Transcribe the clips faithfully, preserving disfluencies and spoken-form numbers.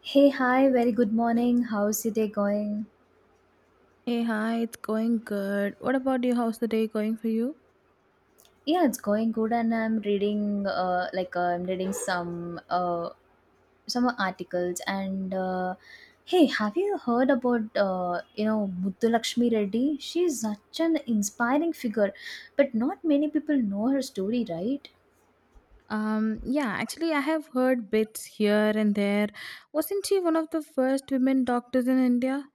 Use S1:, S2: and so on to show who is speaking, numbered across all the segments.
S1: Hey, hi, very good morning. How's your day going?
S2: Hey, hi, it's going good. What about you? How's the day going for you?
S1: Yeah, it's going good, and I'm reading uh, like uh, I'm reading some uh, some articles. And uh, hey, have you heard about uh, you know Muthulakshmi Reddy? She's such an inspiring figure, but not many people know her story, right?
S2: Um, yeah, actually, I have heard bits here and there. Wasn't she one of the first women doctors in India?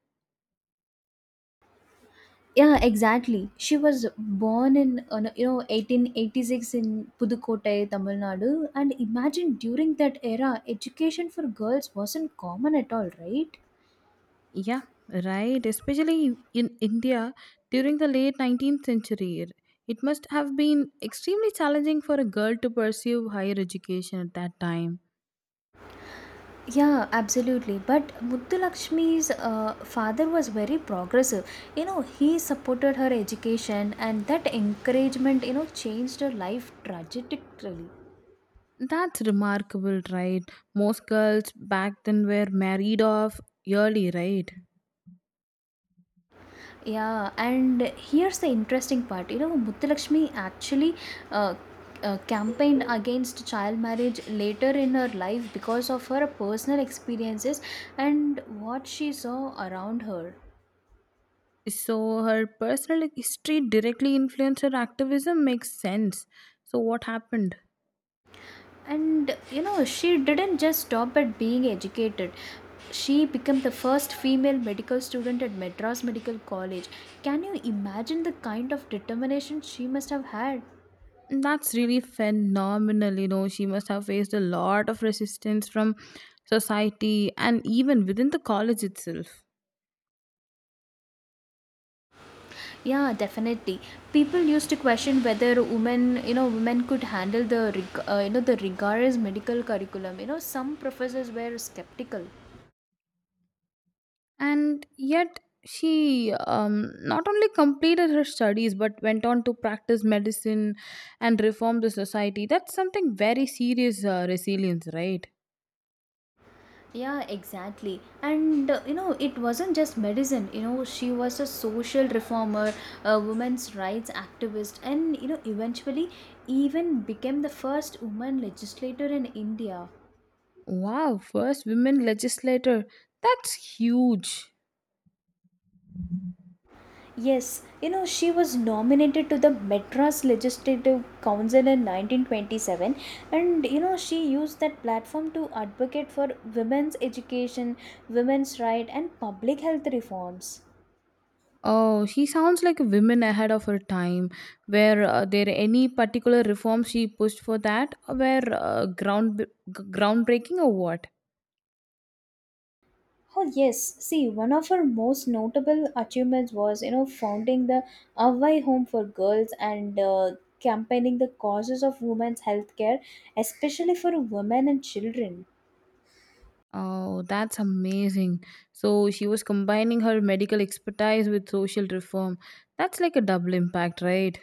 S1: Yeah, exactly. She was born in uh, no, you know eighteen eighty-six in Pudukkottai, Tamil Nadu, and imagine during that era, education for girls wasn't common at all, right?
S2: Yeah, right. Especially in India during the late nineteenth century. It must have been extremely challenging for a girl to pursue higher education at that time.
S1: Yeah, absolutely. But Muthulakshmi's uh, father was very progressive. You know, he supported her education, and that encouragement, you know, changed her life tragically.
S2: That's remarkable, right? Most girls back then were married off early, right?
S1: Yeah, and here's the interesting part. You know, Muthulakshmi actually uh, uh, campaigned against child marriage later in her life because of her personal experiences and what she saw around her.
S2: So her personal history directly influenced her activism makes sense. So what happened?
S1: And you know, she didn't just stop at being educated. She became the first female medical student at Madras Medical College. Can you imagine the kind of determination she must have had?
S2: That's really phenomenal. You know, she must have faced a lot of resistance from society and even within the college itself.
S1: Yeah, definitely. People used to question whether women, you know, women could handle the, rig- uh, you know, the rigorous medical curriculum. You know, some professors were skeptical.
S2: And yet, she um, not only completed her studies but went on to practice medicine and reform the society. That's something very serious uh, resilience, right?
S1: Yeah, exactly. And uh, you know, it wasn't just medicine. You know, she was a social reformer, a women's rights activist, and you know, eventually, even became the first woman legislator in India.
S2: Wow, first women legislator. That's huge.
S1: Yes, you know, she was nominated to the Madras Legislative Council in nineteen twenty-seven, and you know, she used that platform to advocate for women's education, women's right, and public health reforms.
S2: Oh, she sounds like a woman ahead of her time. Were uh, there any particular reforms she pushed for that were uh, ground g- groundbreaking or what?
S1: Oh, yes, see, one of her most notable achievements was, you know, founding the Avai Home for Girls and uh, campaigning the causes of women's healthcare, especially for women and children.
S2: Oh, that's amazing. So she was combining her medical expertise with social reform. That's like a double impact, right?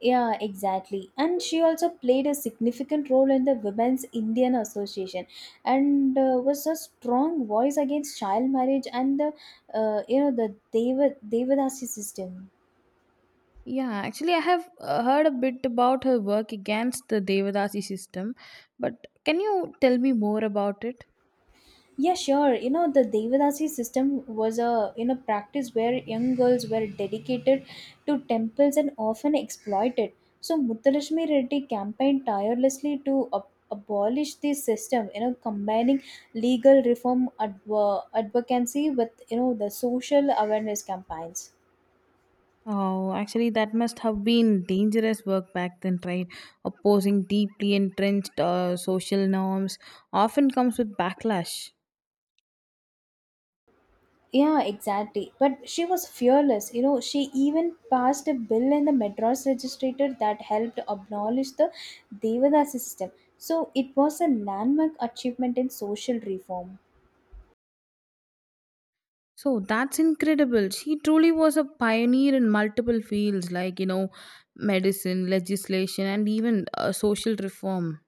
S1: Yeah, exactly. And she also played a significant role in the Women's Indian Association and uh, was a strong voice against child marriage and the uh, you know the Deva Devadasi system.
S2: Yeah, actually, I have uh, heard a bit about her work against the Devadasi system, but can you tell me more about it?
S1: Yeah, sure. You know, the Devadasi system was a you know practice where young girls were dedicated to temples and often exploited. So Muthulakshmi Reddy campaigned tirelessly to ab- abolish this system. You know, combining legal reform adv- advocacy with you know the social awareness campaigns.
S2: Oh, actually, that must have been dangerous work back then, right? Opposing deeply entrenched uh, social norms often comes with backlash.
S1: Yeah, exactly. But she was fearless. You know, she even passed a bill in the Madras Legislature that helped abolish the Devadasi system. So it was a landmark achievement in social reform.
S2: So that's incredible. She truly was a pioneer in multiple fields, like, you know, medicine, legislation, and even uh, social reform.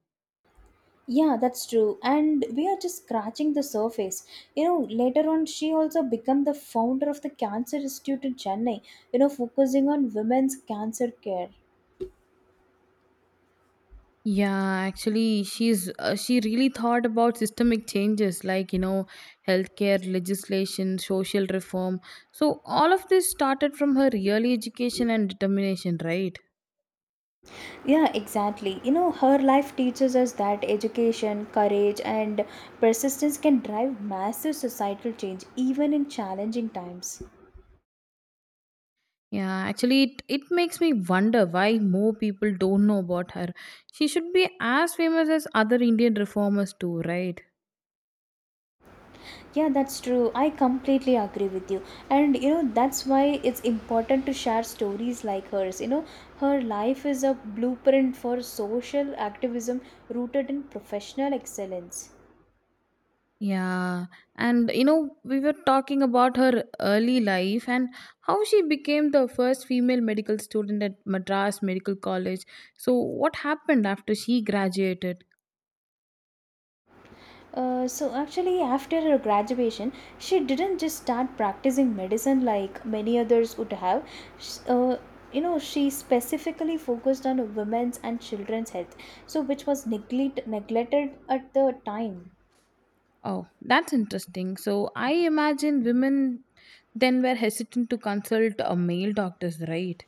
S1: Yeah, that's true. And we are just scratching the surface. You know, later on, she also became the founder of the Cancer Institute in Chennai, you know, focusing on women's cancer care.
S2: Yeah, actually, she's uh, she really thought about systemic changes like you know healthcare legislation, social reform. So all of this started from her early education and determination, right?
S1: Yeah, exactly. You know, her life teaches us that education, courage, and persistence can drive massive societal change even in challenging times.
S2: Yeah, actually, it, it makes me wonder why more people don't know about her. She should be as famous as other Indian reformers too, right?
S1: Yeah, that's true. I completely agree with you. And you know, that's why it's important to share stories like hers. You know, her life is a blueprint for social activism rooted in professional excellence.
S2: Yeah, and you know, we were talking about her early life and how she became the first female medical student at Madras Medical College. So, what happened after she graduated?
S1: Uh, so actually after her graduation she didn't just start practicing medicine like many others would have. Sh- uh, you know she specifically focused on women's and children's health so which was neglect- neglected at the time.
S2: Oh, that's interesting. So, I imagine women then were hesitant to consult a male doctors, right?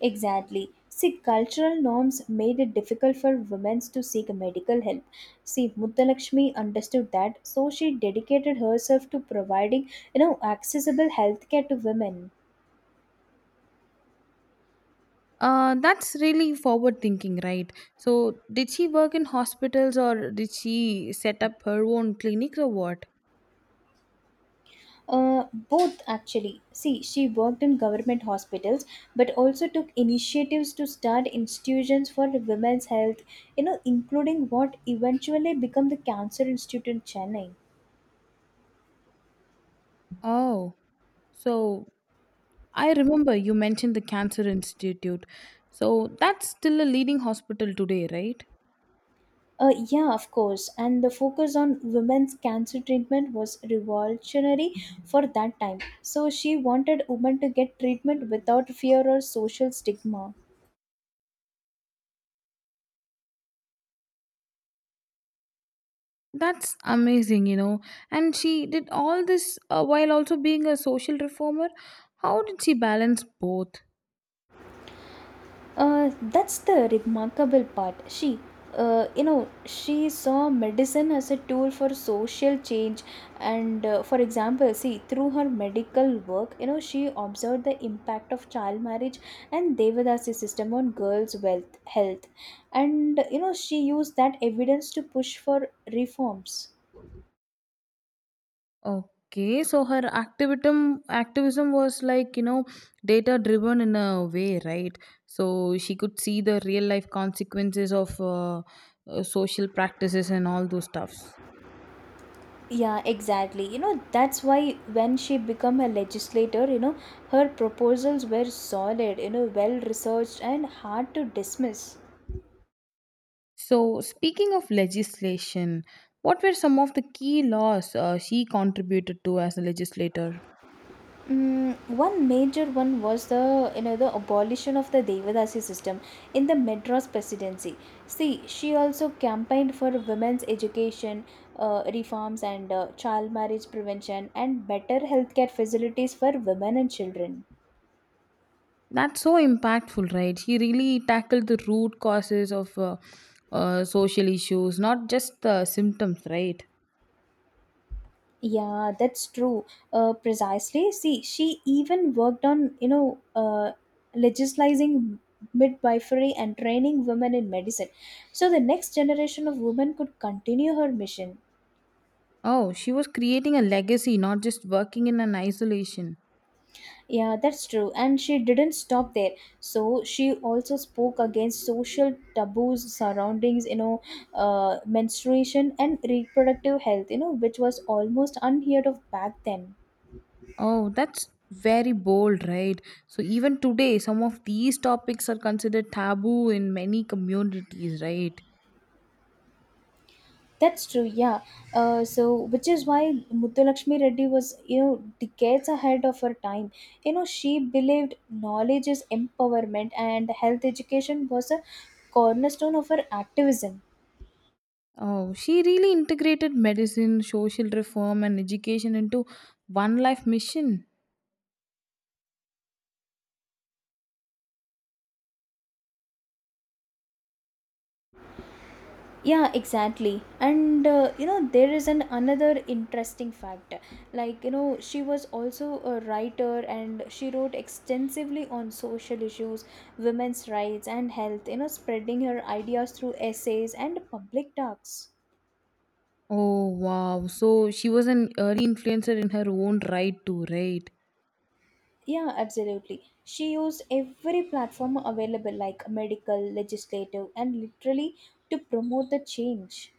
S1: Exactly, see cultural norms made it difficult for women to seek medical help. See, mutalakshmi understood that, so she dedicated herself to providing you know accessible healthcare to women.
S2: Uh, that's really forward thinking, right? So, did she work in hospitals or did she set up her own clinics or what?
S1: Uh, both actually. See, she worked in government hospitals, but also took initiatives to start institutions for women's health, you know, including what eventually became the Cancer Institute in Chennai.
S2: Oh, so I remember you mentioned the Cancer Institute. So that's still a leading hospital today, right?
S1: Uh, yeah, of course. And the focus on women's cancer treatment was revolutionary for that time. So she wanted women to get treatment without fear or social stigma.
S2: That's amazing, you know. And she did all this uh, while also being a social reformer. How did she balance both?
S1: Uh, that's the remarkable part. She, uh, you know, she saw medicine as a tool for social change. And uh, for example, see, through her medical work, you know, she observed the impact of child marriage and Devadasi system on girls' wealth, health. And, you know, she used that evidence to push for reforms.
S2: Okay, so her activism activism was like, you know, data driven in a way, right? So she could see the real life consequences of uh, uh, social practices and all those stuffs.
S1: Yeah, exactly. You know, that's why when she became a legislator, you know, her proposals were solid, you know, well researched and hard to dismiss.
S2: So, speaking of legislation, what were some of the key laws uh, she contributed to as a legislator?
S1: Mm, one major one was the you know the abolition of the Devadasi system in the Madras presidency. See, she also campaigned for women's education uh, reforms and uh, child marriage prevention and better healthcare facilities for women and children.
S2: That's so impactful, right? She really tackled the root causes of uh, uh, social issues, not just the symptoms, right?
S1: Yeah, that's true. Uh, precisely. See, she even worked on, you know, uh, legislating midwifery and training women in medicine. So the next generation of women could continue her mission.
S2: Oh, she was creating a legacy, not just working in an isolation.
S1: Yeah, that's true. And she didn't stop there. So she also spoke against social taboos surroundings, you know, uh, menstruation and reproductive health, you know, which was almost unheard of back then.
S2: Oh, that's very bold, right? So, even today, some of these topics are considered taboo in many communities, right?
S1: That's true, yeah. Uh, so, which is why Muthulakshmi Reddy was, you know, decades ahead of her time. You know, she believed knowledge is empowerment and health education was a cornerstone of her activism.
S2: Oh, she really integrated medicine, social reform, and education into one life mission.
S1: Yeah, exactly. And, uh, you know, there is an another interesting fact. Like, you know, she was also a writer and she wrote extensively on social issues, women's rights, and health, you know, spreading her ideas through essays and public talks.
S2: Oh, wow. So she was an early influencer in her own right, too, right?
S1: Yeah, absolutely. She used every platform available, like medical, legislative, and literally, to promote the change.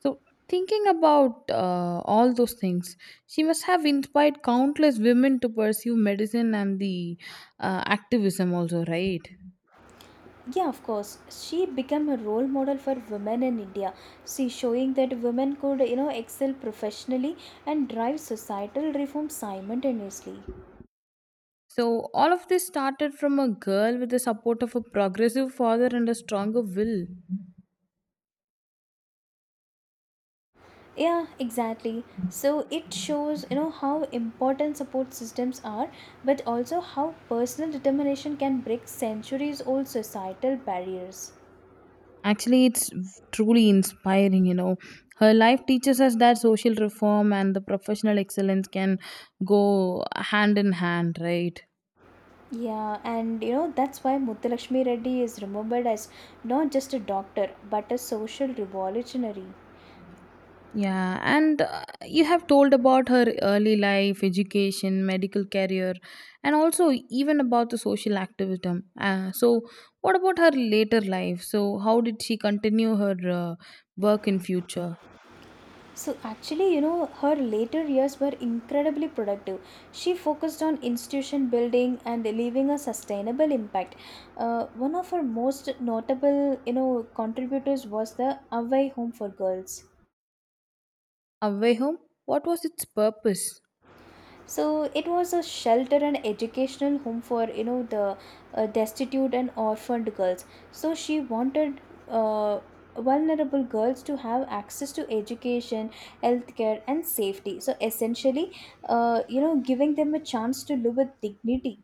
S2: So, thinking about uh, all those things, she must have inspired countless women to pursue medicine and the uh, activism, also, right?
S1: Yeah, of course. She became a role model for women in India. She showing that women could, you know, excel professionally and drive societal reform simultaneously.
S2: So, all of this started from a girl with the support of a progressive father and a stronger will.
S1: Yeah, exactly. So it shows, you know, how important support systems are, but also how personal determination can break centuries old societal barriers.
S2: Actually, it's truly inspiring, you know. Her life teaches us that social reform and the professional excellence can go hand in hand, right?
S1: Yeah, and you know that's why Muthulakshmi Reddy is remembered as not just a doctor but a social revolutionary.
S2: Yeah, and uh, you have told about her early life, education, medical career, and also even about the social activism. Uh, so, what about her later life? So, how did she continue her uh, work in future?
S1: So actually, you know, her later years were incredibly productive. She focused on institution building and leaving a sustainable impact. Uh, one of her most notable, you know, contributors was the Away Home for Girls.
S2: Away home, what was its purpose?
S1: So it was a shelter and educational home for you know the uh, destitute and orphaned girls. So she wanted uh, vulnerable girls to have access to education, healthcare, and safety. So essentially, uh, you know, giving them a chance to live with dignity.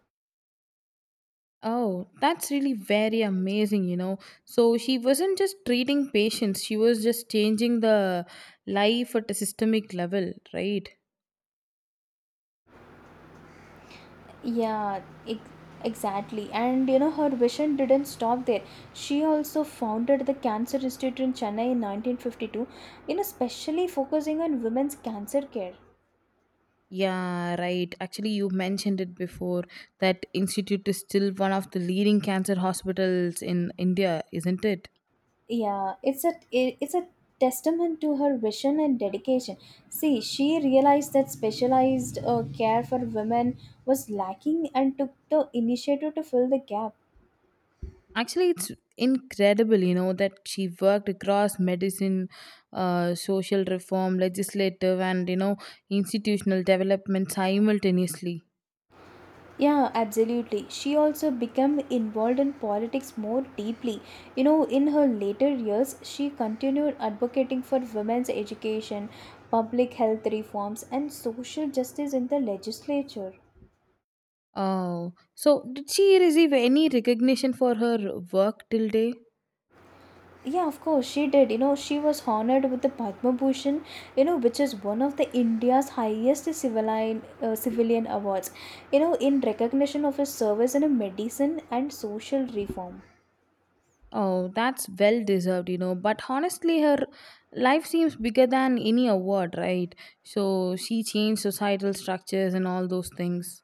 S2: Oh, that's really very amazing, you know. So she wasn't just treating patients, she was just changing the life at a systemic level, right?
S1: Yeah, ex- exactly. And you know, her vision didn't stop there. She also founded the Cancer Institute in Chennai in nineteen fifty-two, you know, specially focusing on women's cancer care.
S2: Yeah, right. Actually, you mentioned it before that institute is still one of the leading cancer hospitals in India, isn't it?
S1: Yeah, it's a it- it's a testament to her vision and dedication. See, she realized that specialized uh, care for women was lacking and took the initiative to fill the gap.
S2: Actually, it's incredible, you know, that she worked across medicine, uh, social reform, legislative, and you know, institutional development simultaneously.
S1: Yeah, absolutely. She also became involved in politics more deeply. You know, in her later years, she continued advocating for women's education, public health reforms, and social justice in the legislature.
S2: Oh, so did she receive any recognition for her work till day?
S1: Yeah, of course, she did. You know, she was honored with the Padma Bhushan, you know, which is one of the India's highest civilian, uh, civilian awards, you know, in recognition of her service in a medicine and social reform.
S2: Oh, that's well deserved, you know. But honestly, her life seems bigger than any award, right? So she changed societal structures and all those things.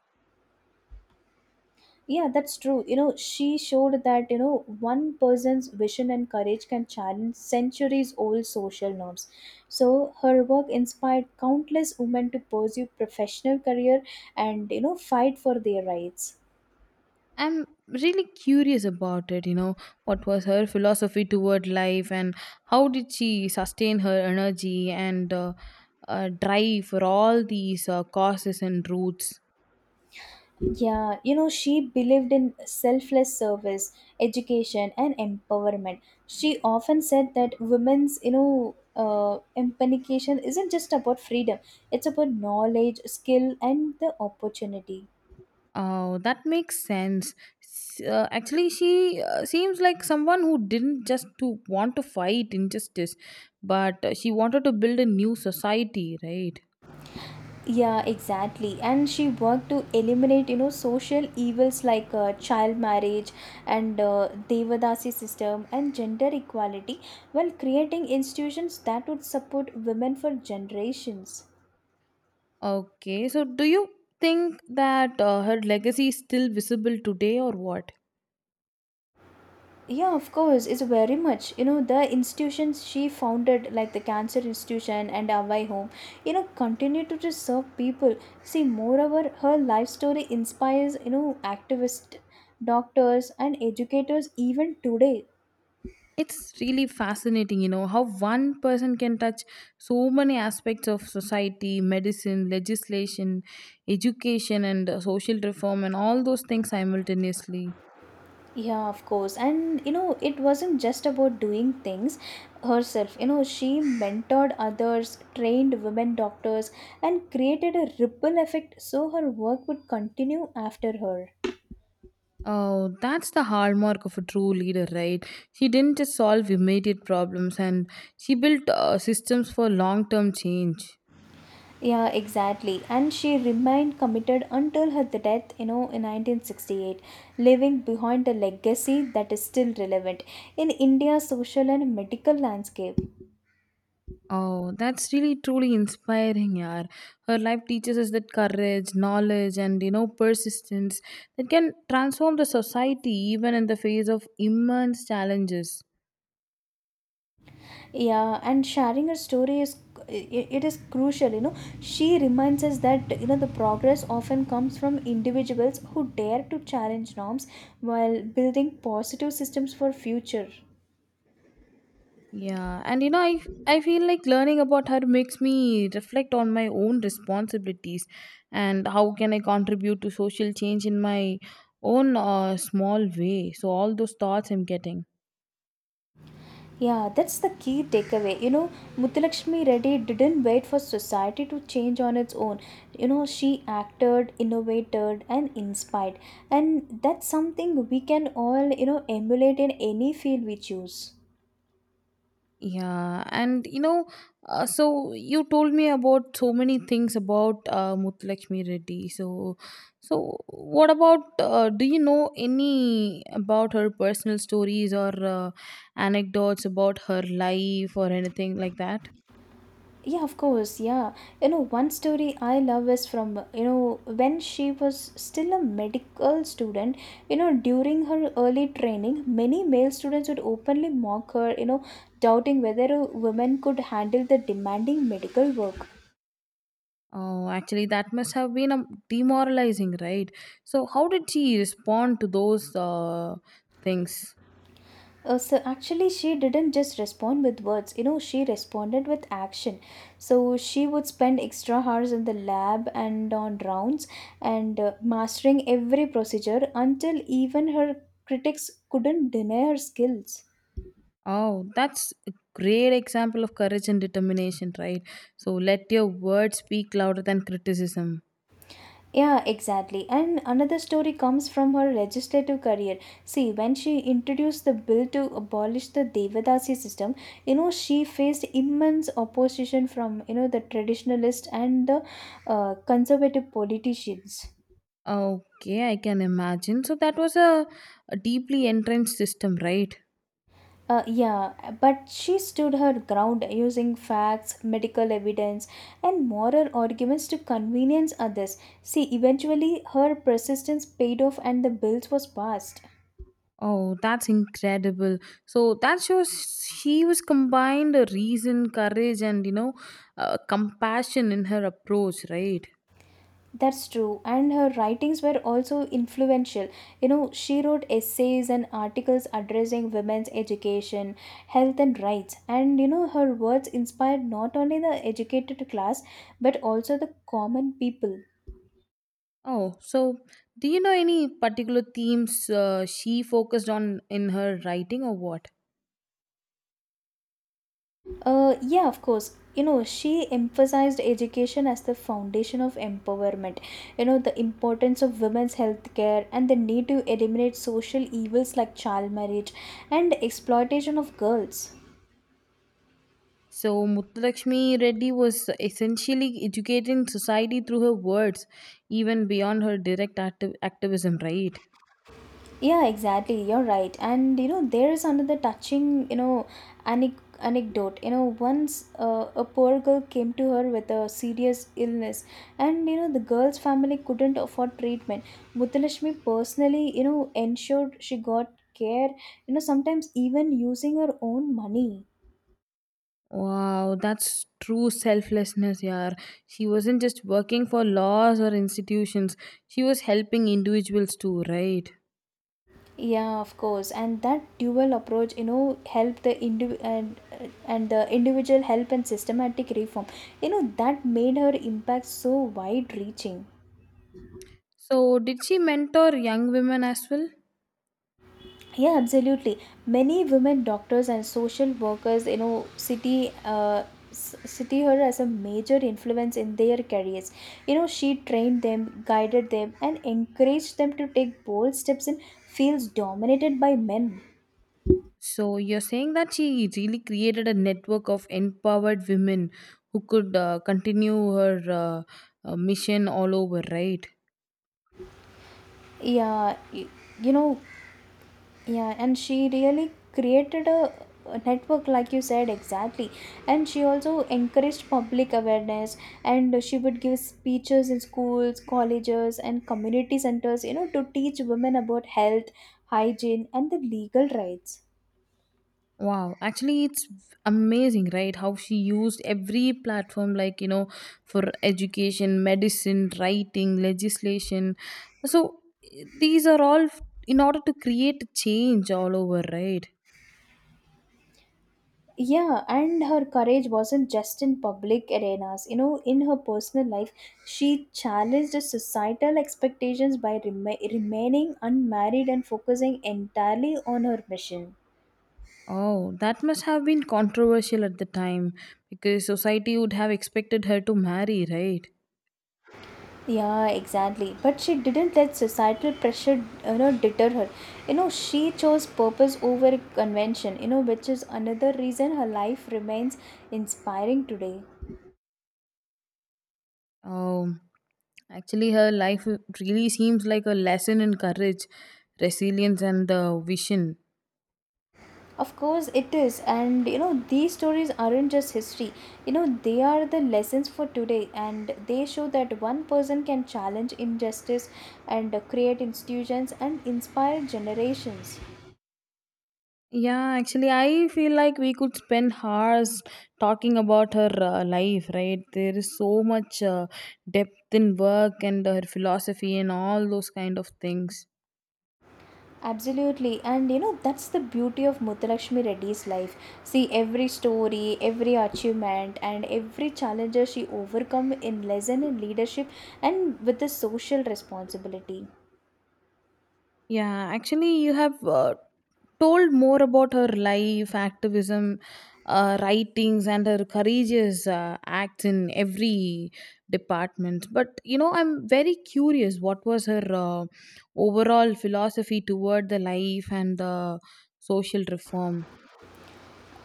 S1: Yeah, that's true. You know, she showed that, you know, one person's vision and courage can challenge centuries old social norms. So her work inspired countless women to pursue professional career and, you know, fight for their rights.
S2: I'm really curious about it, you know. What was her philosophy toward life and how did she sustain her energy and uh, uh, drive for all these uh, causes and roots?
S1: Yeah, you know, she believed in selfless service, education, and empowerment. She often said that women's, you know, uh, empowerment isn't just about freedom, it's about knowledge, skill, and the opportunity.
S2: Oh, that makes sense. S- Uh, actually, she uh, seems like someone who didn't just to want to fight injustice, but uh, she wanted to build a new society, right?
S1: Yeah, exactly. And she worked to eliminate, you know, social evils like uh, child marriage and uh, Devadasi system and gender equality while creating institutions that would support women for generations.
S2: Okay, so do you think that uh, her legacy is still visible today or what?
S1: Yeah, of course, it's very much. You know, the institutions she founded, like the Cancer Institution and Awai Home, you know, continue to just serve people. See, moreover, her life story inspires, you know, activists, doctors, and educators even today.
S2: It's really fascinating, you know, how one person can touch so many aspects of society, medicine, legislation, education, and uh, social reform, and all those things simultaneously.
S1: Yeah, of course. And, you know, it wasn't just about doing things herself. You know, she mentored others, trained women doctors, and created a ripple effect so her work would continue after her.
S2: Oh, that's the hallmark of a true leader, right? She didn't just solve immediate problems and she built uh, systems for long term change.
S1: Yeah, exactly. And she remained committed until her death, you know, in nineteen sixty-eight, leaving behind a legacy that is still relevant in India's social and medical landscape.
S2: Oh, that's really truly inspiring, yaar. Her life teaches us that courage, knowledge, and you know, persistence that can transform the society even in the face of immense challenges.
S1: Yeah, and sharing her story is i- it is crucial, you know. She reminds us that you know the progress often comes from individuals who dare to challenge norms while building positive systems for future.
S2: Yeah, and you know, I I feel like learning about her makes me reflect on my own responsibilities and how can I contribute to social change in my own uh, small way. So all those thoughts I'm getting.
S1: Yeah, that's the key takeaway. You know, Muthulakshmi Reddy didn't wait for society to change on its own. You know, she acted, innovated, and inspired. And that's something we can all, you know, emulate in any field we choose.
S2: Yeah, and you know, uh, so you told me about so many things about uh, Muthulakshmi Reddy. So, so what about? Uh, do you know any about her personal stories or uh, anecdotes about her life or anything like that?
S1: Yeah, of course, yeah. You know, one story I love is from you know when she was still a medical student. You know, during her early training many male students would openly mock her you know, doubting whether a woman could handle the demanding medical work.
S2: Oh, actually, that must have been um demoralizing, right? So, how did she respond to those uh, things?
S1: Uh, so actually, she didn't just respond with words, you know, she responded with action. So she would spend extra hours in the lab and on rounds and uh, mastering every procedure until even her critics couldn't deny her skills.
S2: Oh, that's a great example of courage and determination, right? So, let your words speak louder than criticism.
S1: Yeah, exactly. And another story comes from her legislative career. See, when she introduced the bill to abolish the Devadasi system, you know, she faced immense opposition from, you know, the traditionalists and the uh, conservative politicians.
S2: Okay, I can imagine. So, that was a, a deeply entrenched system, right?
S1: Uh, yeah, but she stood her ground using facts, medical evidence, and moral arguments to convenience others. See, eventually her persistence paid off and the bills was passed.
S2: Oh, that's incredible. So, that shows she was combined a reason, courage, and you know, uh, compassion in her approach, right?
S1: That's true, and her writings were also influential. You know, she wrote essays and articles addressing women's education, health, and rights. And you know, her words inspired not only the educated class but also the common people.
S2: Oh, so do you know any particular themes uh, she focused on in her writing or what?
S1: Uh, yeah, of course. You know, she emphasized education as the foundation of empowerment. You know, the importance of women's health care and the need to eliminate social evils like child marriage and exploitation of girls.
S2: So Muthulakshmi Reddy was essentially educating society through her words, even beyond her direct acti- activism, right?
S1: Yeah, exactly. You're right. And you know, there is another touching, you know, anic anecdote. You know, once uh, a poor girl came to her with a serious illness, and you know, the girl's family couldn't afford treatment. Mutalashmi personally, you know, ensured she got care, you know, sometimes even using her own money.
S2: Wow, that's true selflessness, yeah. She wasn't just working for laws or institutions, she was helping individuals too, right?
S1: Yeah, of course. And that dual approach, you know, help the indiv- and, and the individual help and systematic reform. You know, that made her impact so wide reaching.
S2: So, did she mentor young women as well?
S1: Yeah, absolutely. Many women doctors and social workers, you know, city uh, s- city her as a major influence in their careers. You know, she trained them, guided them, and encouraged them to take bold steps in fields dominated by men.
S2: So you're saying that she really created a network of empowered women who could uh, continue her uh, uh, mission all over, right?
S1: Yeah, y- you know Yeah, and she really created a a network, like you said, exactly. And she also encouraged public awareness, and she would give speeches in schools, colleges, and community centers, you know, to teach women about health, hygiene, and the legal rights.
S2: Wow, actually, it's amazing, right? How she used every platform, like, you know, for education, medicine, writing, legislation. So, eh, these are all f- in order to create change all over, right?
S1: Yeah, and her courage wasn't just in public arenas. You know, in her personal life, she challenged societal expectations by rema remaining unmarried and focusing entirely on her mission.
S2: Oh, that must have been controversial at the time because society would have expected her to marry, right?
S1: Yeah, exactly. But she didn't let societal pressure, you know, deter her. You know, she chose purpose over convention, you know, which is another reason her life remains inspiring today.
S2: Um, Actually, her life really seems like a lesson in courage, resilience, and the vision.
S1: Of course, it is. And, you know, these stories aren't just history, you know, they are the lessons for today. And they show that one person can challenge injustice and uh, create institutions and inspire generations.
S2: Yeah, actually, I feel like we could spend hours talking about her uh, life, right? There is so much uh, depth in work and her philosophy and all those kind of things.
S1: Absolutely, and you know that's the beauty of Muthulakshmi Reddy's life. See every story, every achievement, and every challenges she overcome in lesson in leadership and with the social responsibility.
S2: Yeah, actually, you have uh, told more about her life, activism, uh, writings, and her courageous uh, acts in every department. But you know, I'm very curious what was her uh, overall philosophy toward the life and the social reform?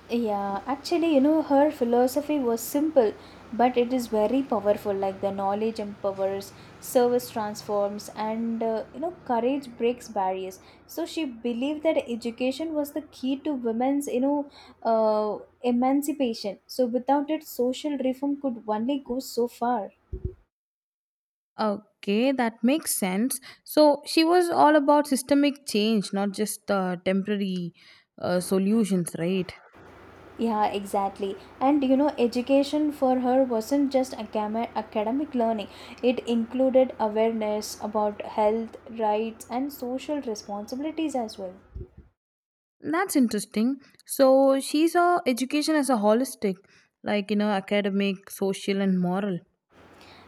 S1: Yeah, actually, you know, her philosophy was simple, but it is very powerful. Like the knowledge empowers, service transforms, and uh, you know, courage breaks barriers. So she believed that education was the key to women's, you know, uh, emancipation. So without it, social reform could only go so far.
S2: Okay, that makes sense. So she was all about systemic change, not just uh, temporary uh, solutions, right?
S1: Yeah, exactly. And you know, education for her wasn't just acam- academic learning, it included awareness about health, rights, and social responsibilities as well.
S2: That's interesting. So she saw education as a holistic, like you know, academic, social, and moral.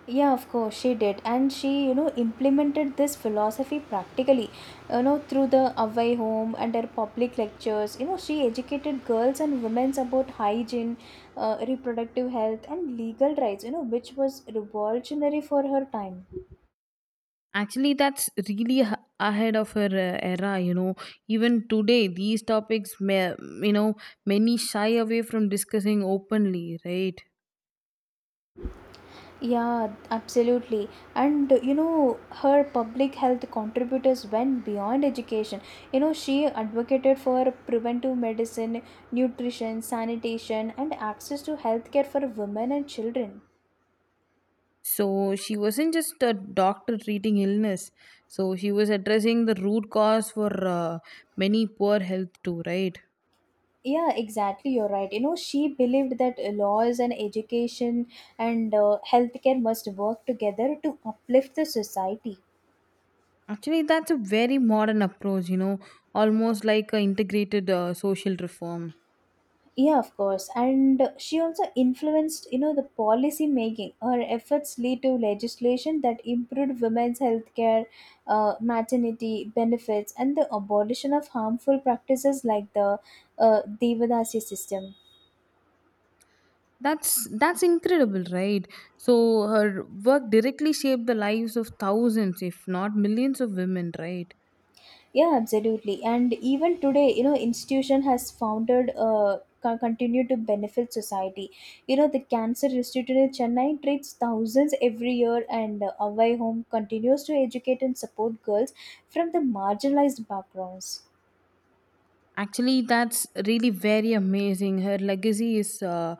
S1: Yeah, of course, she did. And she, you know, implemented this philosophy practically, you know, through the away home and her public lectures. You know, she educated girls and women about hygiene, uh, reproductive health, and legal rights, you know, which was revolutionary for her time.
S2: Actually, that's really h- ahead of her uh, era. You know, even today, these topics, may, you know, many shy away from discussing openly, right?
S1: Yeah, absolutely. And uh, you know, her public health contributors went beyond education. You know, she advocated for preventive medicine, nutrition, sanitation, and access to healthcare for women and children.
S2: So she wasn't just a doctor treating illness. So she was addressing the root cause for uh, many poor health too, right?
S1: Yeah, exactly. You're right. You know, she believed that uh, laws and education and uh, healthcare must work together to uplift the society.
S2: Actually, that's a very modern approach, you know, almost like an integrated uh, social reform.
S1: Yeah, of course, and she also influenced, you know, the policy making. Her efforts lead to legislation that improved women's health care, uh, maternity benefits, and the abolition of harmful practices like the uh, devadasi system.
S2: That's that's incredible, right? So her work directly shaped the lives of thousands, if not millions, of women, right?
S1: Yeah, absolutely. And even today, you know, institution has founded uh, co- continue to benefit society. You know, the cancer institute in Chennai treats thousands every year, and uh, away home continues to educate and support girls from the marginalized backgrounds.
S2: Actually, that's really very amazing. Her legacy is uh,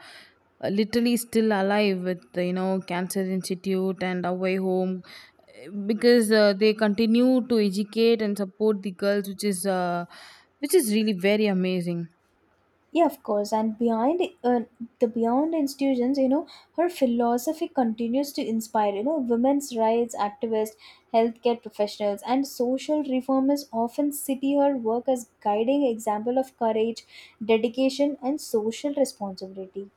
S2: literally still alive with you know Cancer Institute and Away Home because uh, they continue to educate and support the girls, which is uh, which is really very amazing.
S1: Yeah, of course. And behind uh, the beyond institutions, you know, her philosophy continues to inspire, you know, women's rights activists, healthcare professionals, and social reformers often see her work as guiding example of courage, dedication, and social responsibility.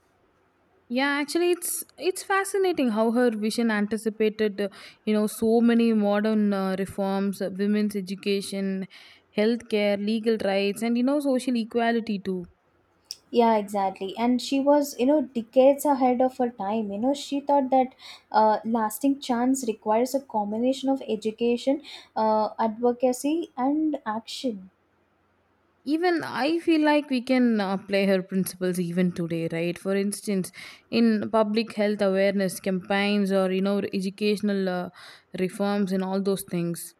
S2: Yeah, actually, it's it's fascinating how her vision anticipated, uh, you know, so many modern uh, reforms, uh, women's education, healthcare, legal rights, and you know, social equality too.
S1: Yeah, exactly. And she was, you know, decades ahead of her time. You know, she thought that uh, lasting chance requires a combination of education, uh, advocacy, and action.
S2: Even I feel like we can uh, apply her principles even today, right? For instance, in public health awareness campaigns or you know, educational uh, reforms and all those things.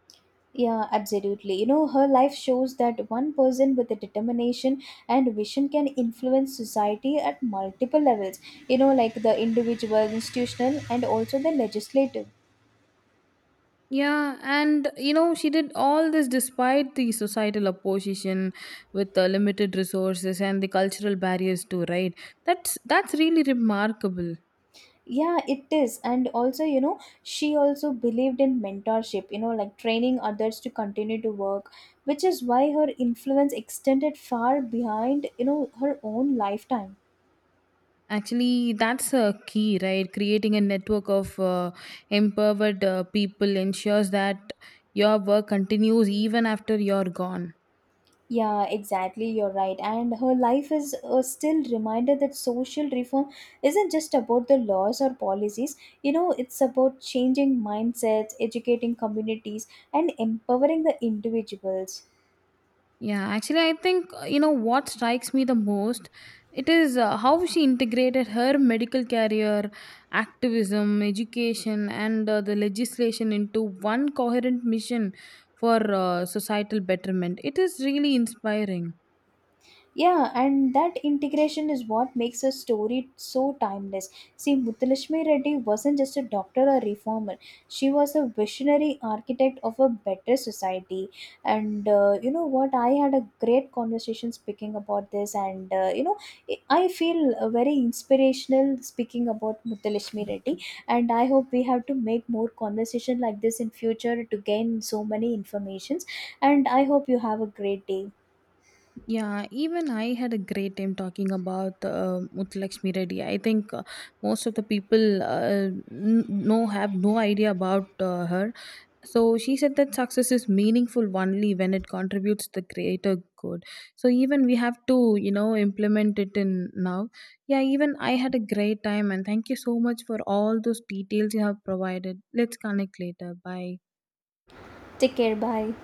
S1: Yeah, absolutely. You know, her life shows that one person with a determination and vision can influence society at multiple levels, you know, like the individual, institutional, and also the legislative.
S2: Yeah, and you know, she did all this despite the societal opposition with the limited resources and the cultural barriers too, right? That's that's really remarkable.
S1: Yeah, it is. And also, you know, she also believed in mentorship, you know, like training others to continue to work, which is why her influence extended far behind, you know, her own lifetime.
S2: Actually, that's a key, right? Creating a network of uh, empowered uh, people ensures that your work continues even after you're gone.
S1: Yeah, exactly. You're right. And her life is a still reminder that social reform isn't just about the laws or policies. You know, it's about changing mindsets, educating communities, and empowering the individuals.
S2: Yeah, actually, I think uh, you know what strikes me the most. It is uh, how she integrated her medical career, activism, education, and uh, the legislation into one coherent mission for uh, societal betterment. It is really inspiring.
S1: Yeah, and that integration is what makes a story so timeless. See, Muthulakshmi Reddy wasn't just a doctor or reformer, she was a visionary architect of a better society. And uh, you know what? I had a great conversation speaking about this, and uh, you know, I feel uh, very inspirational speaking about Muthulakshmi Reddy. And I hope we have to make more conversation like this in future to gain so many informations. And I hope you have a great day.
S2: Yeah, even I had a great time talking about uh, Muthulakshmi Reddy. I think uh, most of the people uh, n- know have no idea about uh, her so she said that success is meaningful only when it contributes to the greater good so even we have to you know implement it in now yeah even I had a great time and thank you so much for all those details you have provided let's connect later bye
S1: Take care. Bye.